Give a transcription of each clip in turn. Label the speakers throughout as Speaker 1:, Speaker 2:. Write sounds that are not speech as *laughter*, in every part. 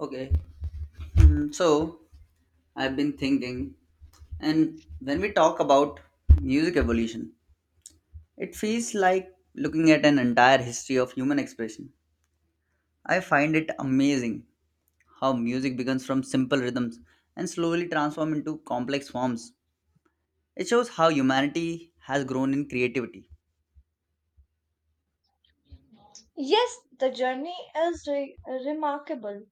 Speaker 1: Okay, so I've been thinking, and when we talk about music evolution, it feels like looking at an entire history of human expression. I find it amazing how music begins from simple rhythms and slowly transforms into complex forms. It shows how humanity has grown in creativity.
Speaker 2: Yes, the journey is remarkable.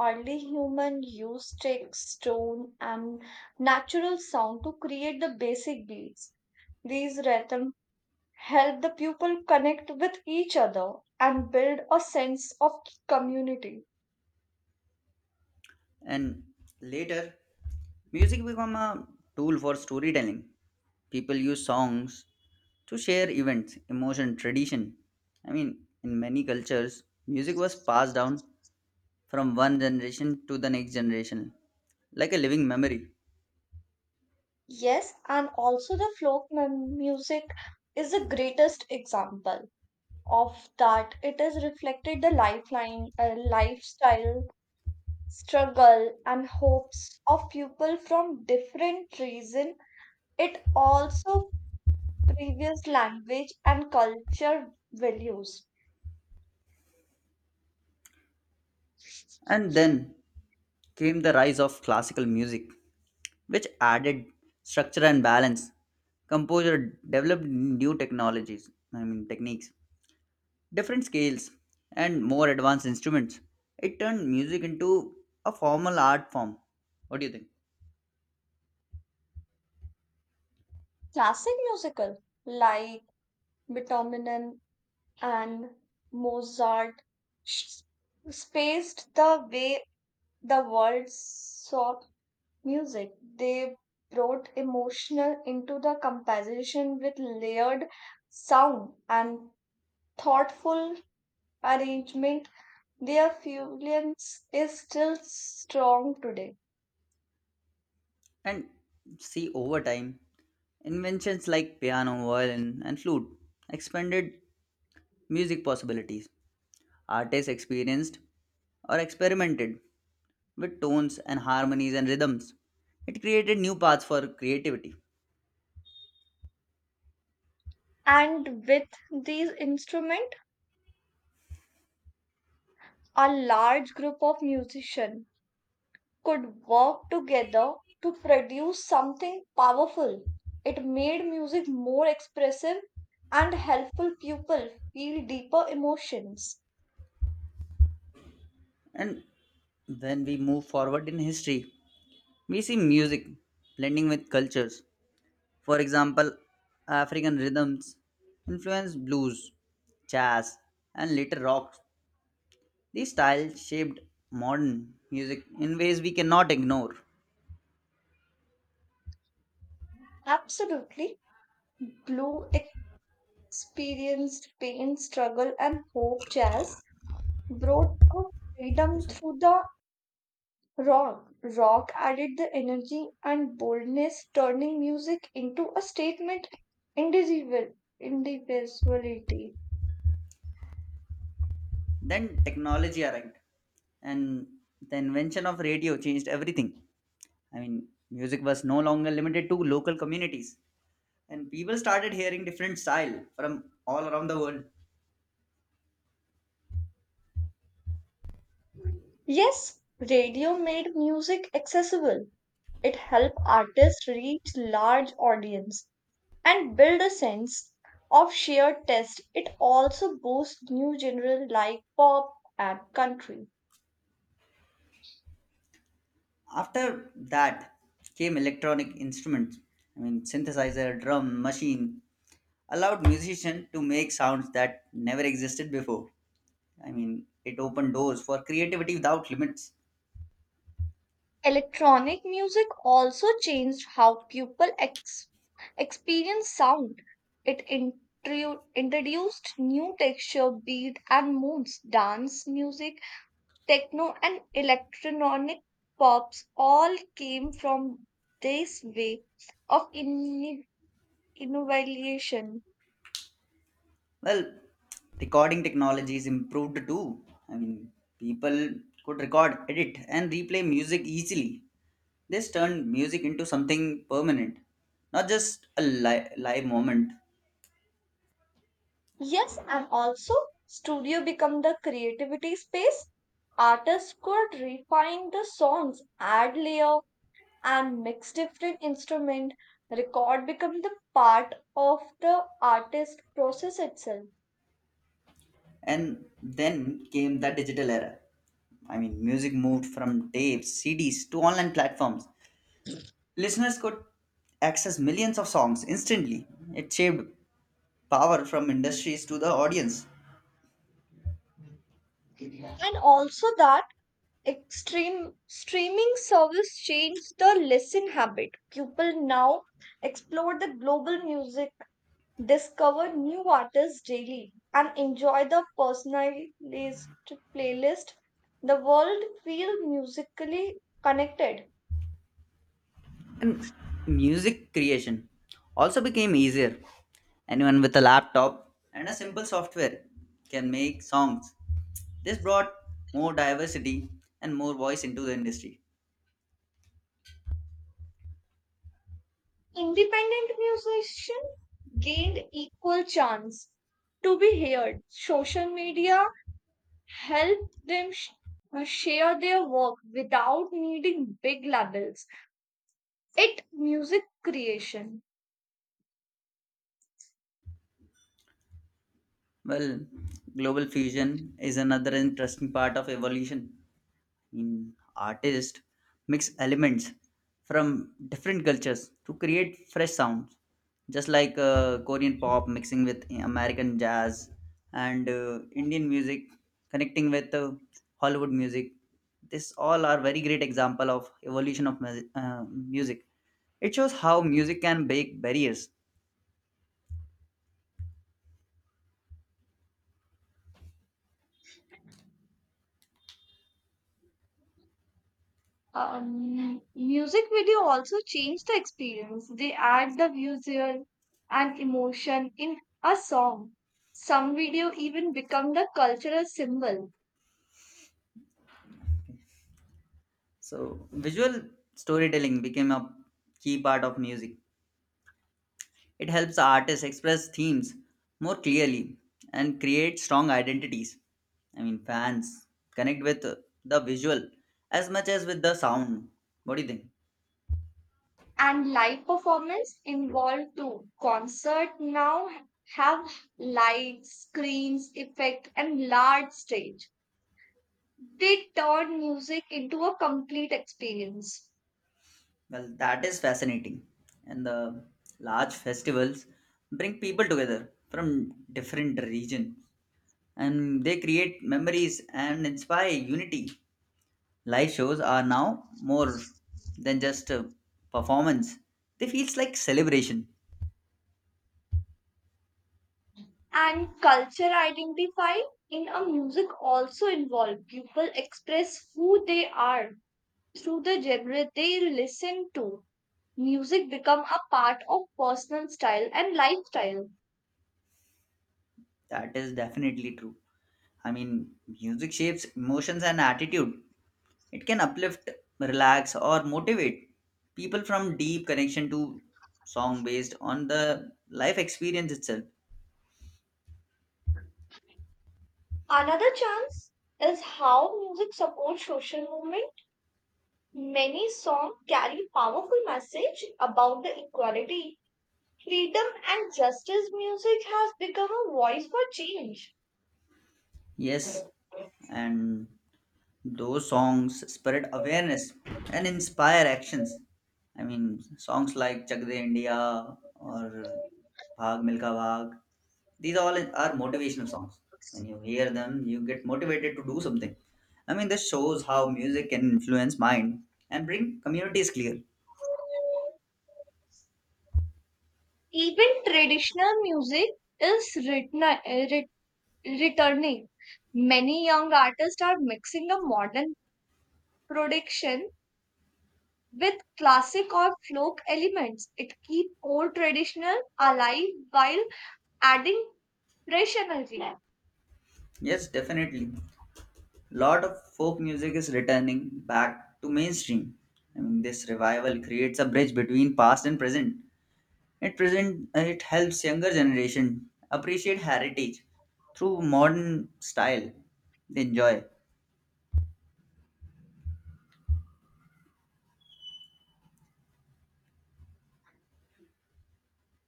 Speaker 2: Early human used sticks, stone, and natural sound to create the basic beats. These rhythms help the people connect with each other and build a sense of community.
Speaker 1: And later, music become a tool for storytelling. People use songs to share events, emotion, tradition. I mean, in many cultures, music was passed down from one generation to the next generation, like a living memory.
Speaker 2: Yes, and also the music is the greatest example of that. It is reflected the lifeline, lifestyle struggle and hopes of people from different reason it also previous language and culture values
Speaker 1: And then came the rise of classical music, which added structure and balance. Composer developed new technologies, I mean, techniques, different scales, and more advanced instruments. It turned music into a formal art form. What do you think?
Speaker 2: classic musical like Beethoven and Mozart s- spaced the way the world saw music they brought emotional into the composition with layered sound and thoughtful arrangement. Their influence is still strong today.
Speaker 1: And see, over time, inventions like piano, violin, and flute expanded music possibilities. Artists experienced or experimented with tones and harmonies and rhythms. It created new paths for creativity.
Speaker 2: And with these instruments, a large group of musicians could work together to produce something powerful. It made music more expressive and helpful people feel deeper emotions.
Speaker 1: And when we move forward in history, we see music blending with cultures. For example, African rhythms influenced blues, jazz, and later rock. These styles shaped modern music in ways we cannot ignore.
Speaker 2: Absolutely. Blue experienced pain, struggle, and hope. Jazz brought a freedom
Speaker 1: Yes, sir.
Speaker 2: through the Rock, rock added the energy and boldness, turning music into a statement indivisible, indivisibility.
Speaker 1: Then technology arrived, and the invention of radio changed everything. I mean, music was no longer limited to local communities, and people started hearing different style from all around the world.
Speaker 2: Yes, radio made music accessible. It helped artists reach large audience and build a sense of shared taste. It also boosts new genre like pop and country.
Speaker 1: After that came electronic instruments. I mean, synthesizer, drum, machine allowed musicians to make sounds that never existed before. I mean, it opened doors for creativity without limits.
Speaker 2: Electronic music also changed how people experience sound. It introduced new texture, beat, and moods. Dance music, techno, and electronic pops all came from this way of innovation.
Speaker 1: Well, recording technology is improved too. I mean, people could record, edit, and replay music easily. This turned music into something permanent, not just a live moment.
Speaker 2: Yes, and also studio become the creativity space. Artists could refine the songs, add layer and mix different instrument record become the part of the artist process itself
Speaker 1: And then came the digital era. I mean, music moved from tapes, CDs to online platforms. Listeners could access millions of songs instantly. It shaped power from industries to the audience.
Speaker 2: and also that extreme streaming service changed the listen habit people now explore the global music discover new artists daily and enjoy the personalized playlist the world feel musically connected.
Speaker 1: Music creation also became easier. Anyone with a laptop and a simple software can make songs. This brought more diversity and more voice into the industry.
Speaker 2: Independent musician gained equal chance to be heard. Social media helped them share their work without needing big labels. It music creation.
Speaker 1: Well, global fusion is another interesting part of evolution. In artists mix elements from different cultures to create fresh sounds, just like Korean pop mixing with American jazz, and Indian music connecting with Hollywood music. This all are very great example of evolution of music. It shows how music can break barriers.
Speaker 2: Music video also changed the experience. They add the visual and emotion in a song. Some video even become the cultural symbol.
Speaker 1: So visual storytelling became a key part of music. It helps artists express themes more clearly and create strong identities. I mean, fans connect with the visual as much as with the sound. What do you think?
Speaker 2: And live performance involved too. Concert now have lights, screens, effect, and large stage. They turn music into a complete experience.
Speaker 1: Well, that is fascinating. And the large festivals bring people together from different regions, and they create memories and inspire unity. Live shows are now more than just a performance, they feels like celebration.
Speaker 2: And culture identify in a music also involve people express who they are through the genre they listen to. Music become a part of personal style and lifestyle.
Speaker 1: That is definitely true. I mean, music shapes emotions and attitude. It can uplift, relax, or motivate people from deep connection to song based on the life experience itself.
Speaker 2: Another chance is how music supports social movement. Many songs carry powerful message about the equality, freedom and justice. Music has become a voice for change.
Speaker 1: Yes, and those songs spread awareness and inspire actions. I mean, songs like Chak De India or Bhag Milka Bhag, these all are motivational songs. When you hear them, you get motivated to do something. I mean, this shows how music can influence mind and bring communities clear.
Speaker 2: Even traditional music is written, returning. Many young artists are mixing a modern production with classic or folk elements. It keeps old traditional alive while adding rationality.
Speaker 1: Yes, definitely. Lot of folk music is returning back to mainstream. I mean, this revival creates a bridge between past and present. It helps younger generation appreciate heritage through modern style they enjoy.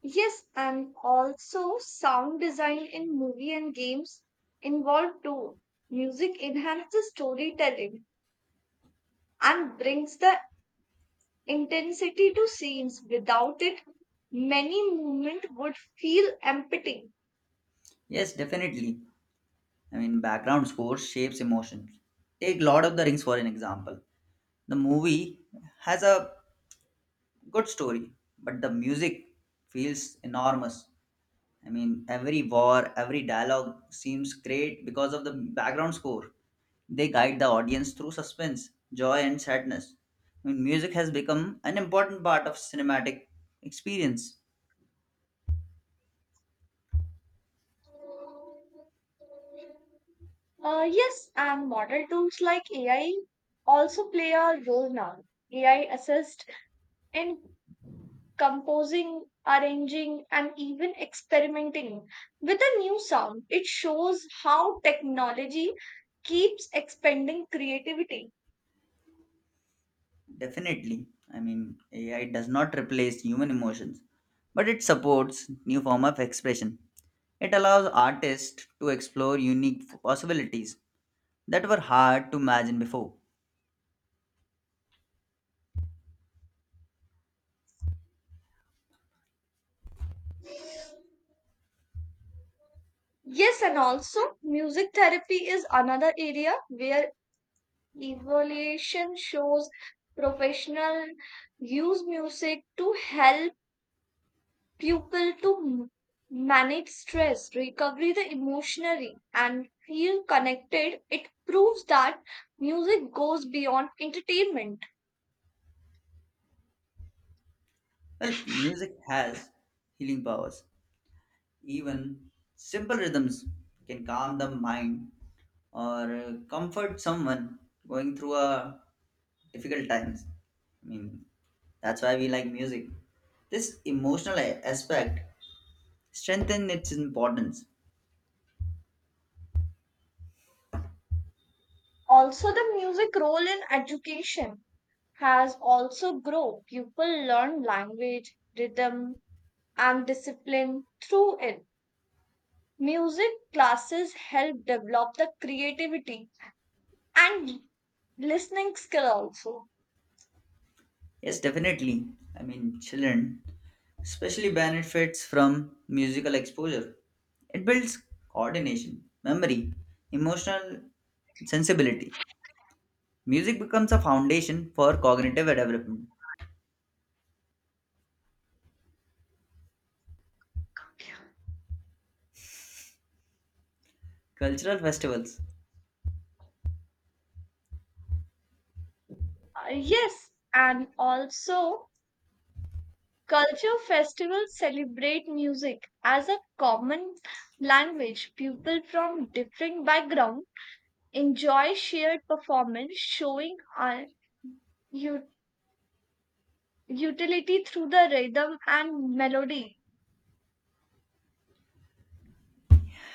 Speaker 2: Yes, and also sound design in movie and games involved too. Music enhances storytelling and brings the intensity to scenes. Without it, many movement would feel empty.
Speaker 1: Yes, definitely. I mean, background score shapes emotions. Take Lord of the Rings for an example. The movie has a good story, but the music feels enormous. I mean, every war, every dialogue seems great because of the background score. They guide the audience through suspense, joy, and sadness. I mean, music has become an important part of cinematic experience.
Speaker 2: Yes, and modern tools like AI also play a role now. AI assist in composing, arranging, and even experimenting with a new sound. It shows how technology keeps expanding creativity.
Speaker 1: Definitely. I mean, AI does not replace human emotions, but it supports new form of expression. It allows artists to explore unique possibilities that were hard to imagine before.
Speaker 2: Yes, and also music therapy is another area where evaluation shows professional use music to help pupil to manage stress, recovery the emotionally, and feel connected. It proves that music goes beyond entertainment.
Speaker 1: Well, music has healing powers. Even simple rhythms can calm the mind, or comfort someone going through a difficult times. I mean, that's why we like music. This emotional aspect strengthen its importance.
Speaker 2: Also, the music role in education has also grown. People learn language, rhythm, and discipline through it. Music classes help develop the creativity and listening skill also.
Speaker 1: Yes, definitely. I mean, children especially benefits from musical exposure. It builds coordination, memory, emotional sensibility. Music becomes a foundation for cognitive development. Cultural festivals
Speaker 2: Yes, and also culture festivals celebrate music as a common language. People from different backgrounds enjoy shared performance, showing our u- utility through the rhythm and melody.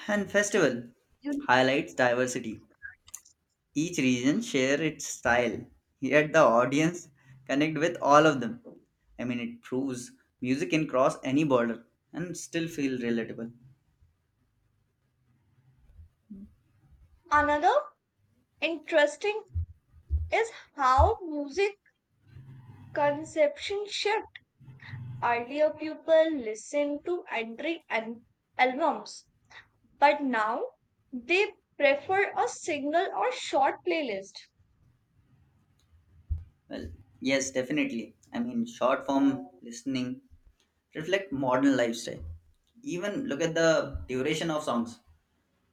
Speaker 1: and festival
Speaker 2: Unity.
Speaker 1: highlights diversity. Each region share its style, yet the audience connect with all of them. I mean, it proves music can cross any border and still feel relatable.
Speaker 2: Another interesting is how music conception shift. Earlier, people listened to entry and albums. But now they prefer a single or short playlist.
Speaker 1: Well, yes, definitely. I mean, short form listening reflect modern lifestyle. Even look at the duration of songs.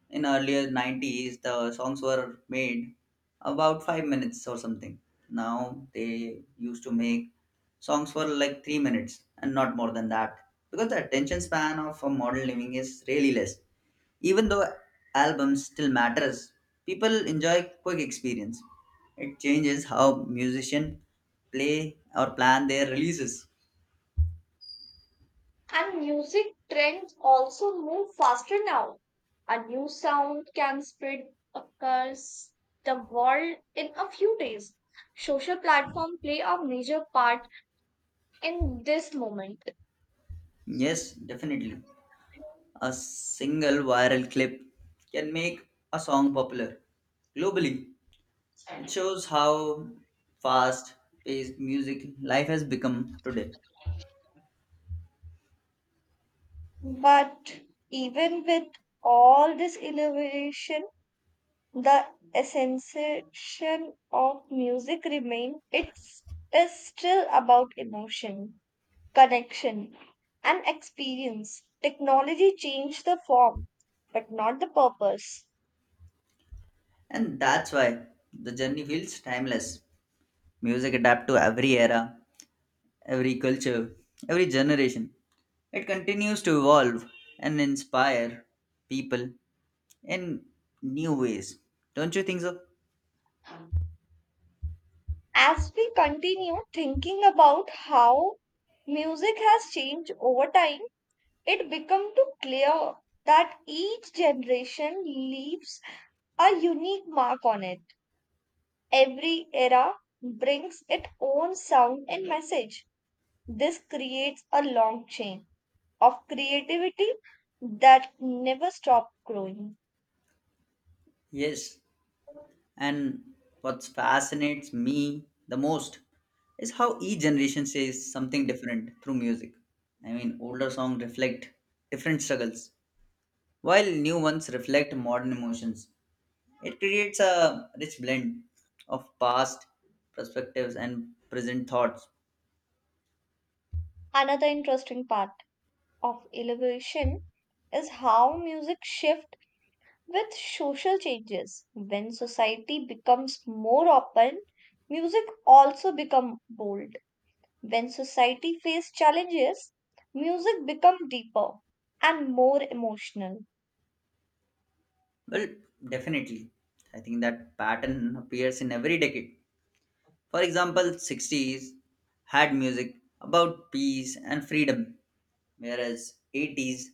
Speaker 1: In earlier 90s, the songs were made about 5 minutes or something. Now they used to make songs for like 3 minutes and not more than that, because the attention span of a modern living is really less. Even though albums still matters, people enjoy quick experience. It changes how musicians play or plan their releases.
Speaker 2: And music trends also move faster now. A new sound can spread across the world in a few days. Social platforms play a major part in this moment.
Speaker 1: Yes, definitely. A single viral clip can make a song popular globally. It shows how fast paced music life has become today.
Speaker 2: But even with all this innovation, the essential of music remains. It's is still about emotion, connection, and experience. Technology changed the form, but not the purpose.
Speaker 1: And that's why the journey feels timeless. Music adapts to every era, every culture, every generation. It continues to evolve and inspire people in new ways. Don't you think so?
Speaker 2: As we continue thinking about how music has changed over time, it becomes too clear that each generation leaves a unique mark on it. Every era brings its own sound and message. This creates a long chain of creativity that never stops growing.
Speaker 1: Yes, and what fascinates me the most is how each generation says something different through music. I mean, older songs reflect different struggles, while new ones reflect modern emotions. It creates a rich blend of past perspectives and present thoughts.
Speaker 2: Another interesting part of elevation is how music shifts with social changes. When society becomes more open, music also becomes bold. When society faces challenges, music becomes deeper and more emotional.
Speaker 1: Well, definitely. I think that pattern appears in every decade. For example, 60s had music about peace and freedom, whereas 80s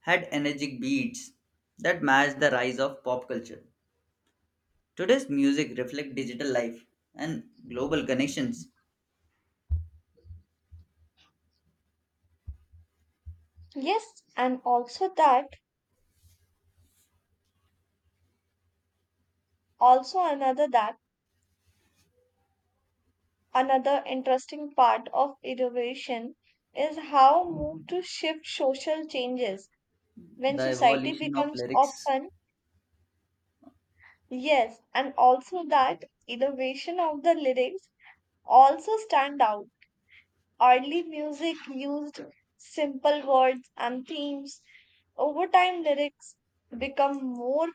Speaker 1: had energetic beats that matched the rise of pop culture. Today's music reflects digital life and global connections,
Speaker 2: Yes, and also that, also another that, another interesting part of innovation is how move to shift social changes when
Speaker 1: the
Speaker 2: society
Speaker 1: evolution of
Speaker 2: becomes
Speaker 1: lyrics.
Speaker 2: open. Yes, and also that innovation of the lyrics also stand out. Early music used simple words and themes. Over time, lyrics become more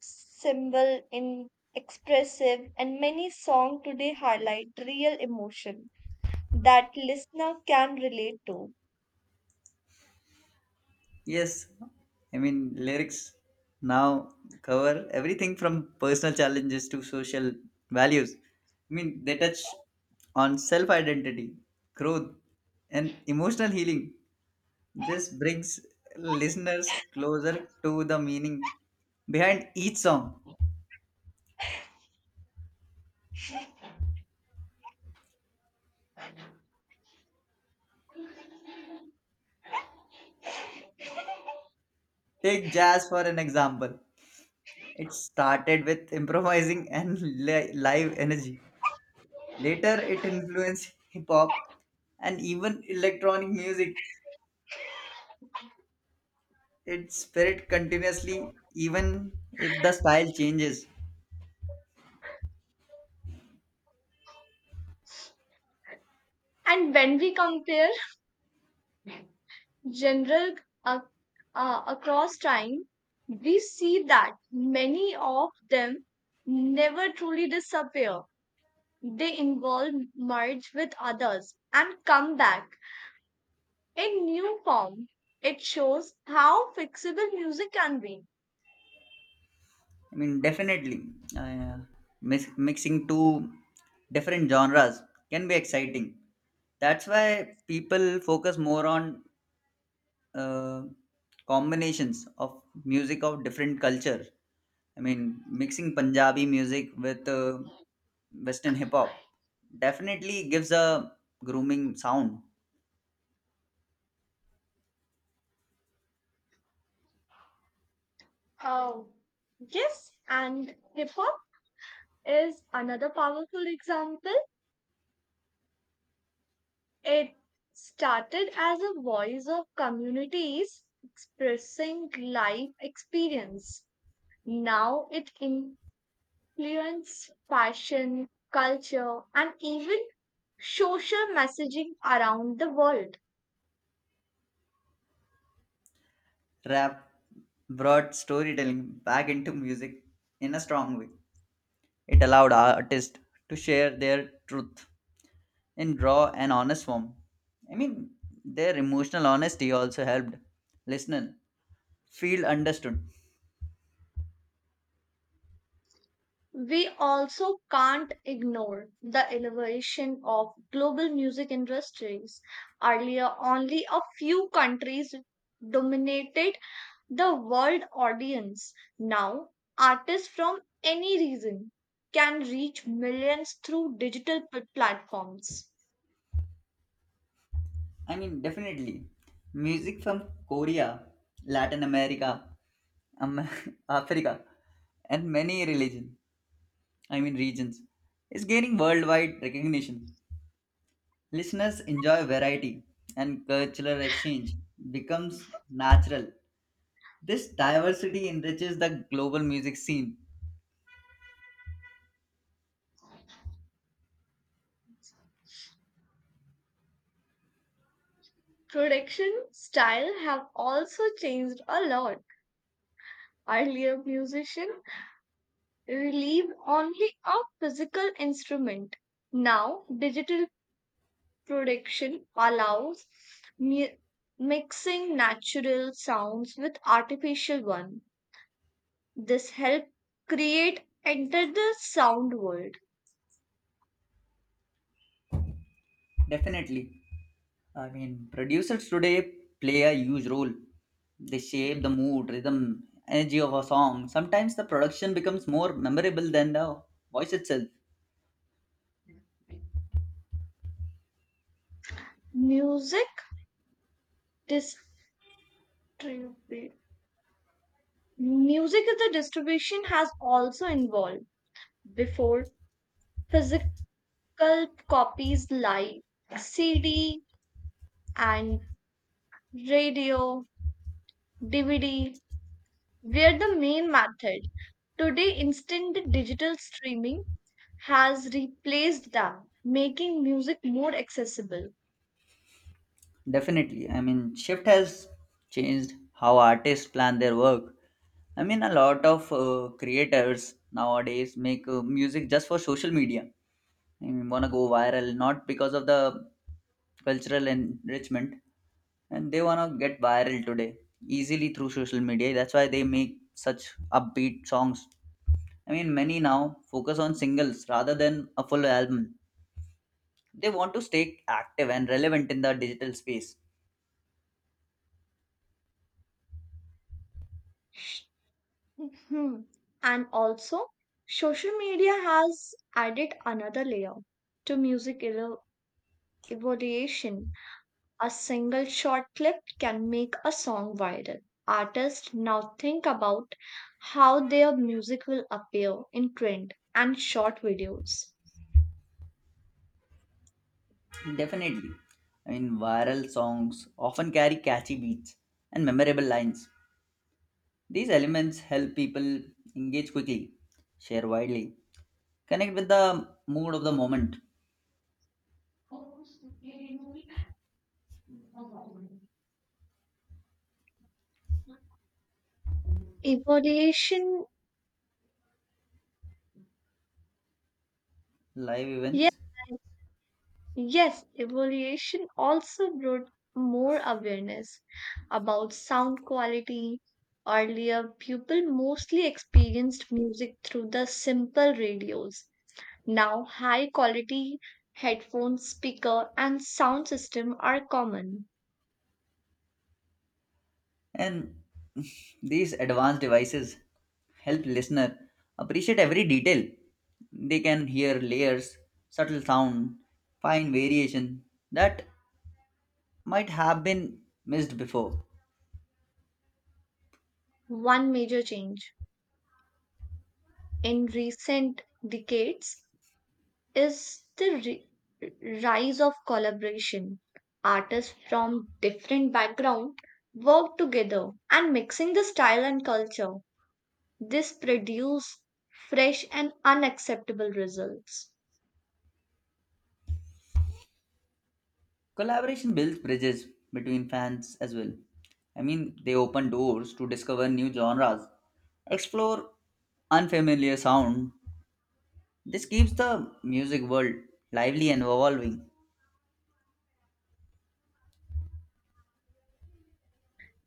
Speaker 2: symbol in expressive and many songs today highlight real emotion that listener can relate to.
Speaker 1: Yes, I mean, lyrics now cover everything from personal challenges to social values. I mean, they touch on self identity, growth, and emotional healing. This brings listeners closer to the meaning behind each song. Take jazz for an example. It started with *laughs* improvising and live energy. Later, it influenced hip hop and even electronic music. Its spirit continuously, even if the style changes.
Speaker 2: And when we compare general uh, across time, we see that many of them never truly disappear. They involve merge with others and come back in new form. It shows how fixable music can be.
Speaker 1: I mean, definitely, uh, mixing two different genres can be exciting. That's why people focus more on uh, combinations of music of different culture. I mean, mixing Punjabi music with Western hip hop definitely gives a grooming sound.
Speaker 2: Oh, yes, and hip hop is another powerful example. It started as a voice of communities expressing life experience. Now it influences fashion, culture, and even social messaging around the world.
Speaker 1: Rap brought storytelling back into music in a strong way. It allowed artists to share their truth in raw and honest form. I mean, their emotional honesty also helped listener feel understood.
Speaker 2: We also can't ignore the elevation of global music industries. Earlier, only a few countries dominated the world audience. Now, artists from any region can reach millions through digital platforms.
Speaker 1: I mean, definitely. Music from Korea, Latin America, um, *laughs* Africa, and many religion, I mean regions, is gaining worldwide recognition. Listeners enjoy variety and cultural exchange becomes natural. This diversity enriches the global music scene.
Speaker 2: Production style have also changed a lot. Earlier, musicians relieved only a physical instrument. Now, digital production allows mu- mixing natural sounds with artificial ones. This helps create enter the sound world.
Speaker 1: Definitely. I mean, producers today play a huge role. They shape the mood, rhythm, energy of a song. Sometimes the production becomes more memorable than the voice itself.
Speaker 2: Music distribute music is the distribution has also involved before physical copies like CD and radio, DVD were the main method. Today, instant digital streaming has replaced them, making music more accessible.
Speaker 1: Definitely. I mean, shift has changed how artists plan their work. I mean, a lot of creators nowadays make music just for social media. I mean, wanna go viral, not because of the cultural enrichment. And they want to get viral today easily through social media. That's why they make such upbeat songs. I mean, many now focus on singles rather than a full album. They want to stay active and relevant in the digital space.
Speaker 2: Hmm. And also, social media has added another layer to music evolution. A single short clip can make a song viral. Artists now think about how their music will appear in trend and short videos.
Speaker 1: Definitely. I mean, viral songs often carry catchy beats and memorable lines. These elements help people engage quickly, share widely, connect with the mood of the moment.
Speaker 2: Evolution,
Speaker 1: Live
Speaker 2: yes.
Speaker 1: events.
Speaker 2: Yes, evaluation also brought more awareness about sound quality. Earlier, people mostly experienced music through the simple radios. Now, high quality headphones, speaker, and sound system are common.
Speaker 1: And these advanced devices help listener appreciate every detail. They can hear layers, subtle sound, fine variation that might have been missed before.
Speaker 2: One major change in recent decades is the rise of collaboration. Artists from different backgrounds work together and mixing the style and culture. This produce fresh and unacceptable results.
Speaker 1: Collaboration builds bridges between fans as well. I mean, they open doors to discover new genres, explore unfamiliar sound. This keeps the music world lively and evolving.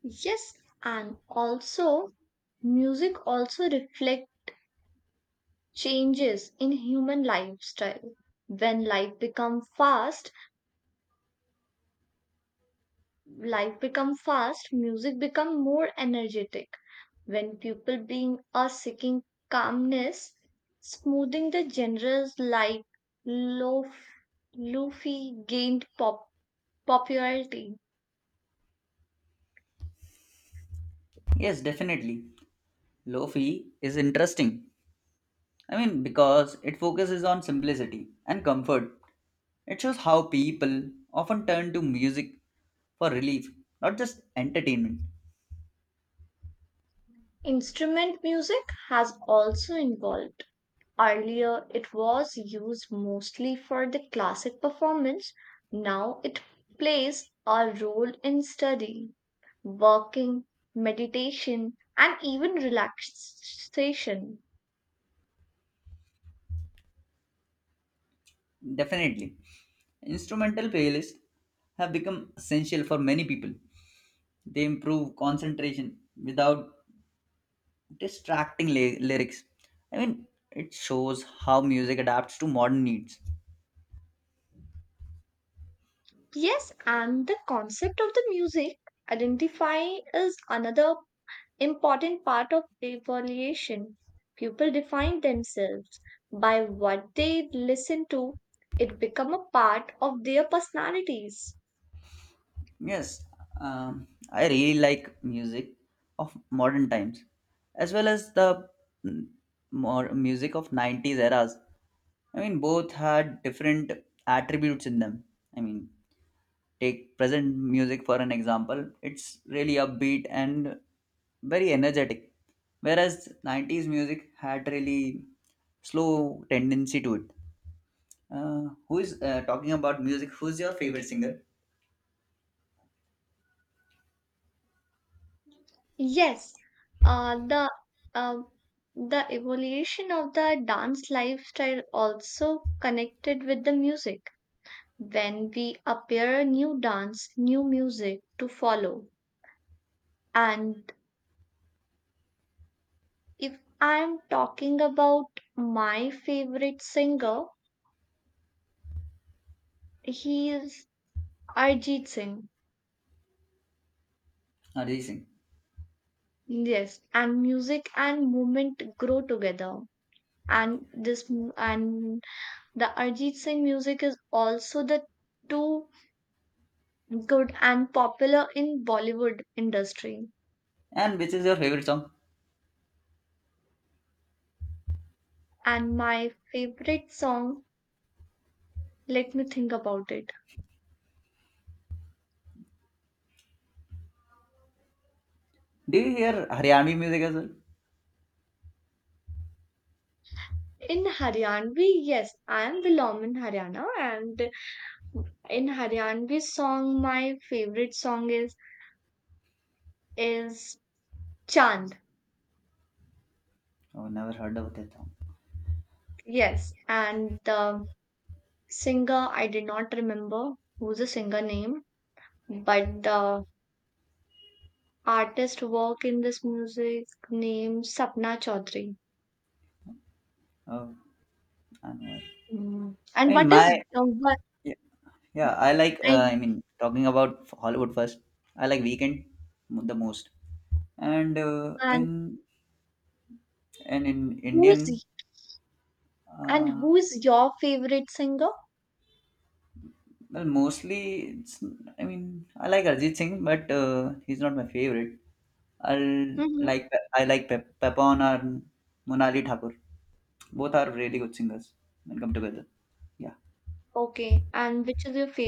Speaker 2: Yes, and also music also reflect changes in human lifestyle. When life become fast, music become more energetic when people being are seeking calmness, smoothing the genres like lo- Luffy gained popularity.
Speaker 1: Yes, definitely. Lofi is interesting, I mean, because it focuses on simplicity and comfort. It shows how people often turn to music for relief, not just entertainment.
Speaker 2: Instrument music has also evolved. Earlier, it was used mostly for the classic performance. Now, it plays a role in study, working, meditation, and even relaxation.
Speaker 1: Definitely. Instrumental playlists have become essential for many people. They improve concentration without distracting lyrics. I mean, it shows how music adapts to modern needs.
Speaker 2: Yes, and the concept of the music identify is another important part of evaluation. People define themselves by what they listen to. It become a part of their personalities.
Speaker 1: Yes, I really like music of modern times, as well as the mm, more music of 90s eras. I mean, both had different attributes in them. I mean, take present music for an example, it's really upbeat and very energetic, whereas 90s music had really slow tendency to it. Who is talking about music? Who's your favorite singer?
Speaker 2: Yes, uh, the uh, the evolution of the dance lifestyle also connected with the music. When we appear a new dance, new music to follow, and if I'm talking about my favorite singer, he is Arjit Singh.
Speaker 1: Arjit Singh.
Speaker 2: Yes, and music and movement grow together. And the Arjit Singh music is also the too good and popular in Bollywood industry.
Speaker 1: And which is your favorite song?
Speaker 2: And my favorite song, let me think about it.
Speaker 1: Do you hear Haryanvi music as well?
Speaker 2: In Haryana, we yes, I am Vilom in Haryana, and in Haryanvi song, my favorite song is Chand.
Speaker 1: Oh, never heard about that song.
Speaker 2: Yes, and the singer I did not remember who's the singer name, but the artist work in this music name Sapna Chaudhary.
Speaker 1: Oh, I know. Aware.
Speaker 2: Mm.
Speaker 1: I
Speaker 2: And
Speaker 1: mean,
Speaker 2: what
Speaker 1: my,
Speaker 2: is what
Speaker 1: yeah, yeah, I like.
Speaker 2: and,
Speaker 1: I mean, talking about Hollywood first. I like Weekend the most, and
Speaker 2: and
Speaker 1: in
Speaker 2: who's
Speaker 1: Indian,
Speaker 2: and
Speaker 1: uh,
Speaker 2: who's your favorite singer?
Speaker 1: well, mostly it's. I mean, I like Arjit Singh, but he's not my favorite. I'll
Speaker 2: Mm-hmm.
Speaker 1: I like Pepon or Monali Thakur. Both are really good singers when come together. Yeah.
Speaker 2: Okay, and which is your favorite?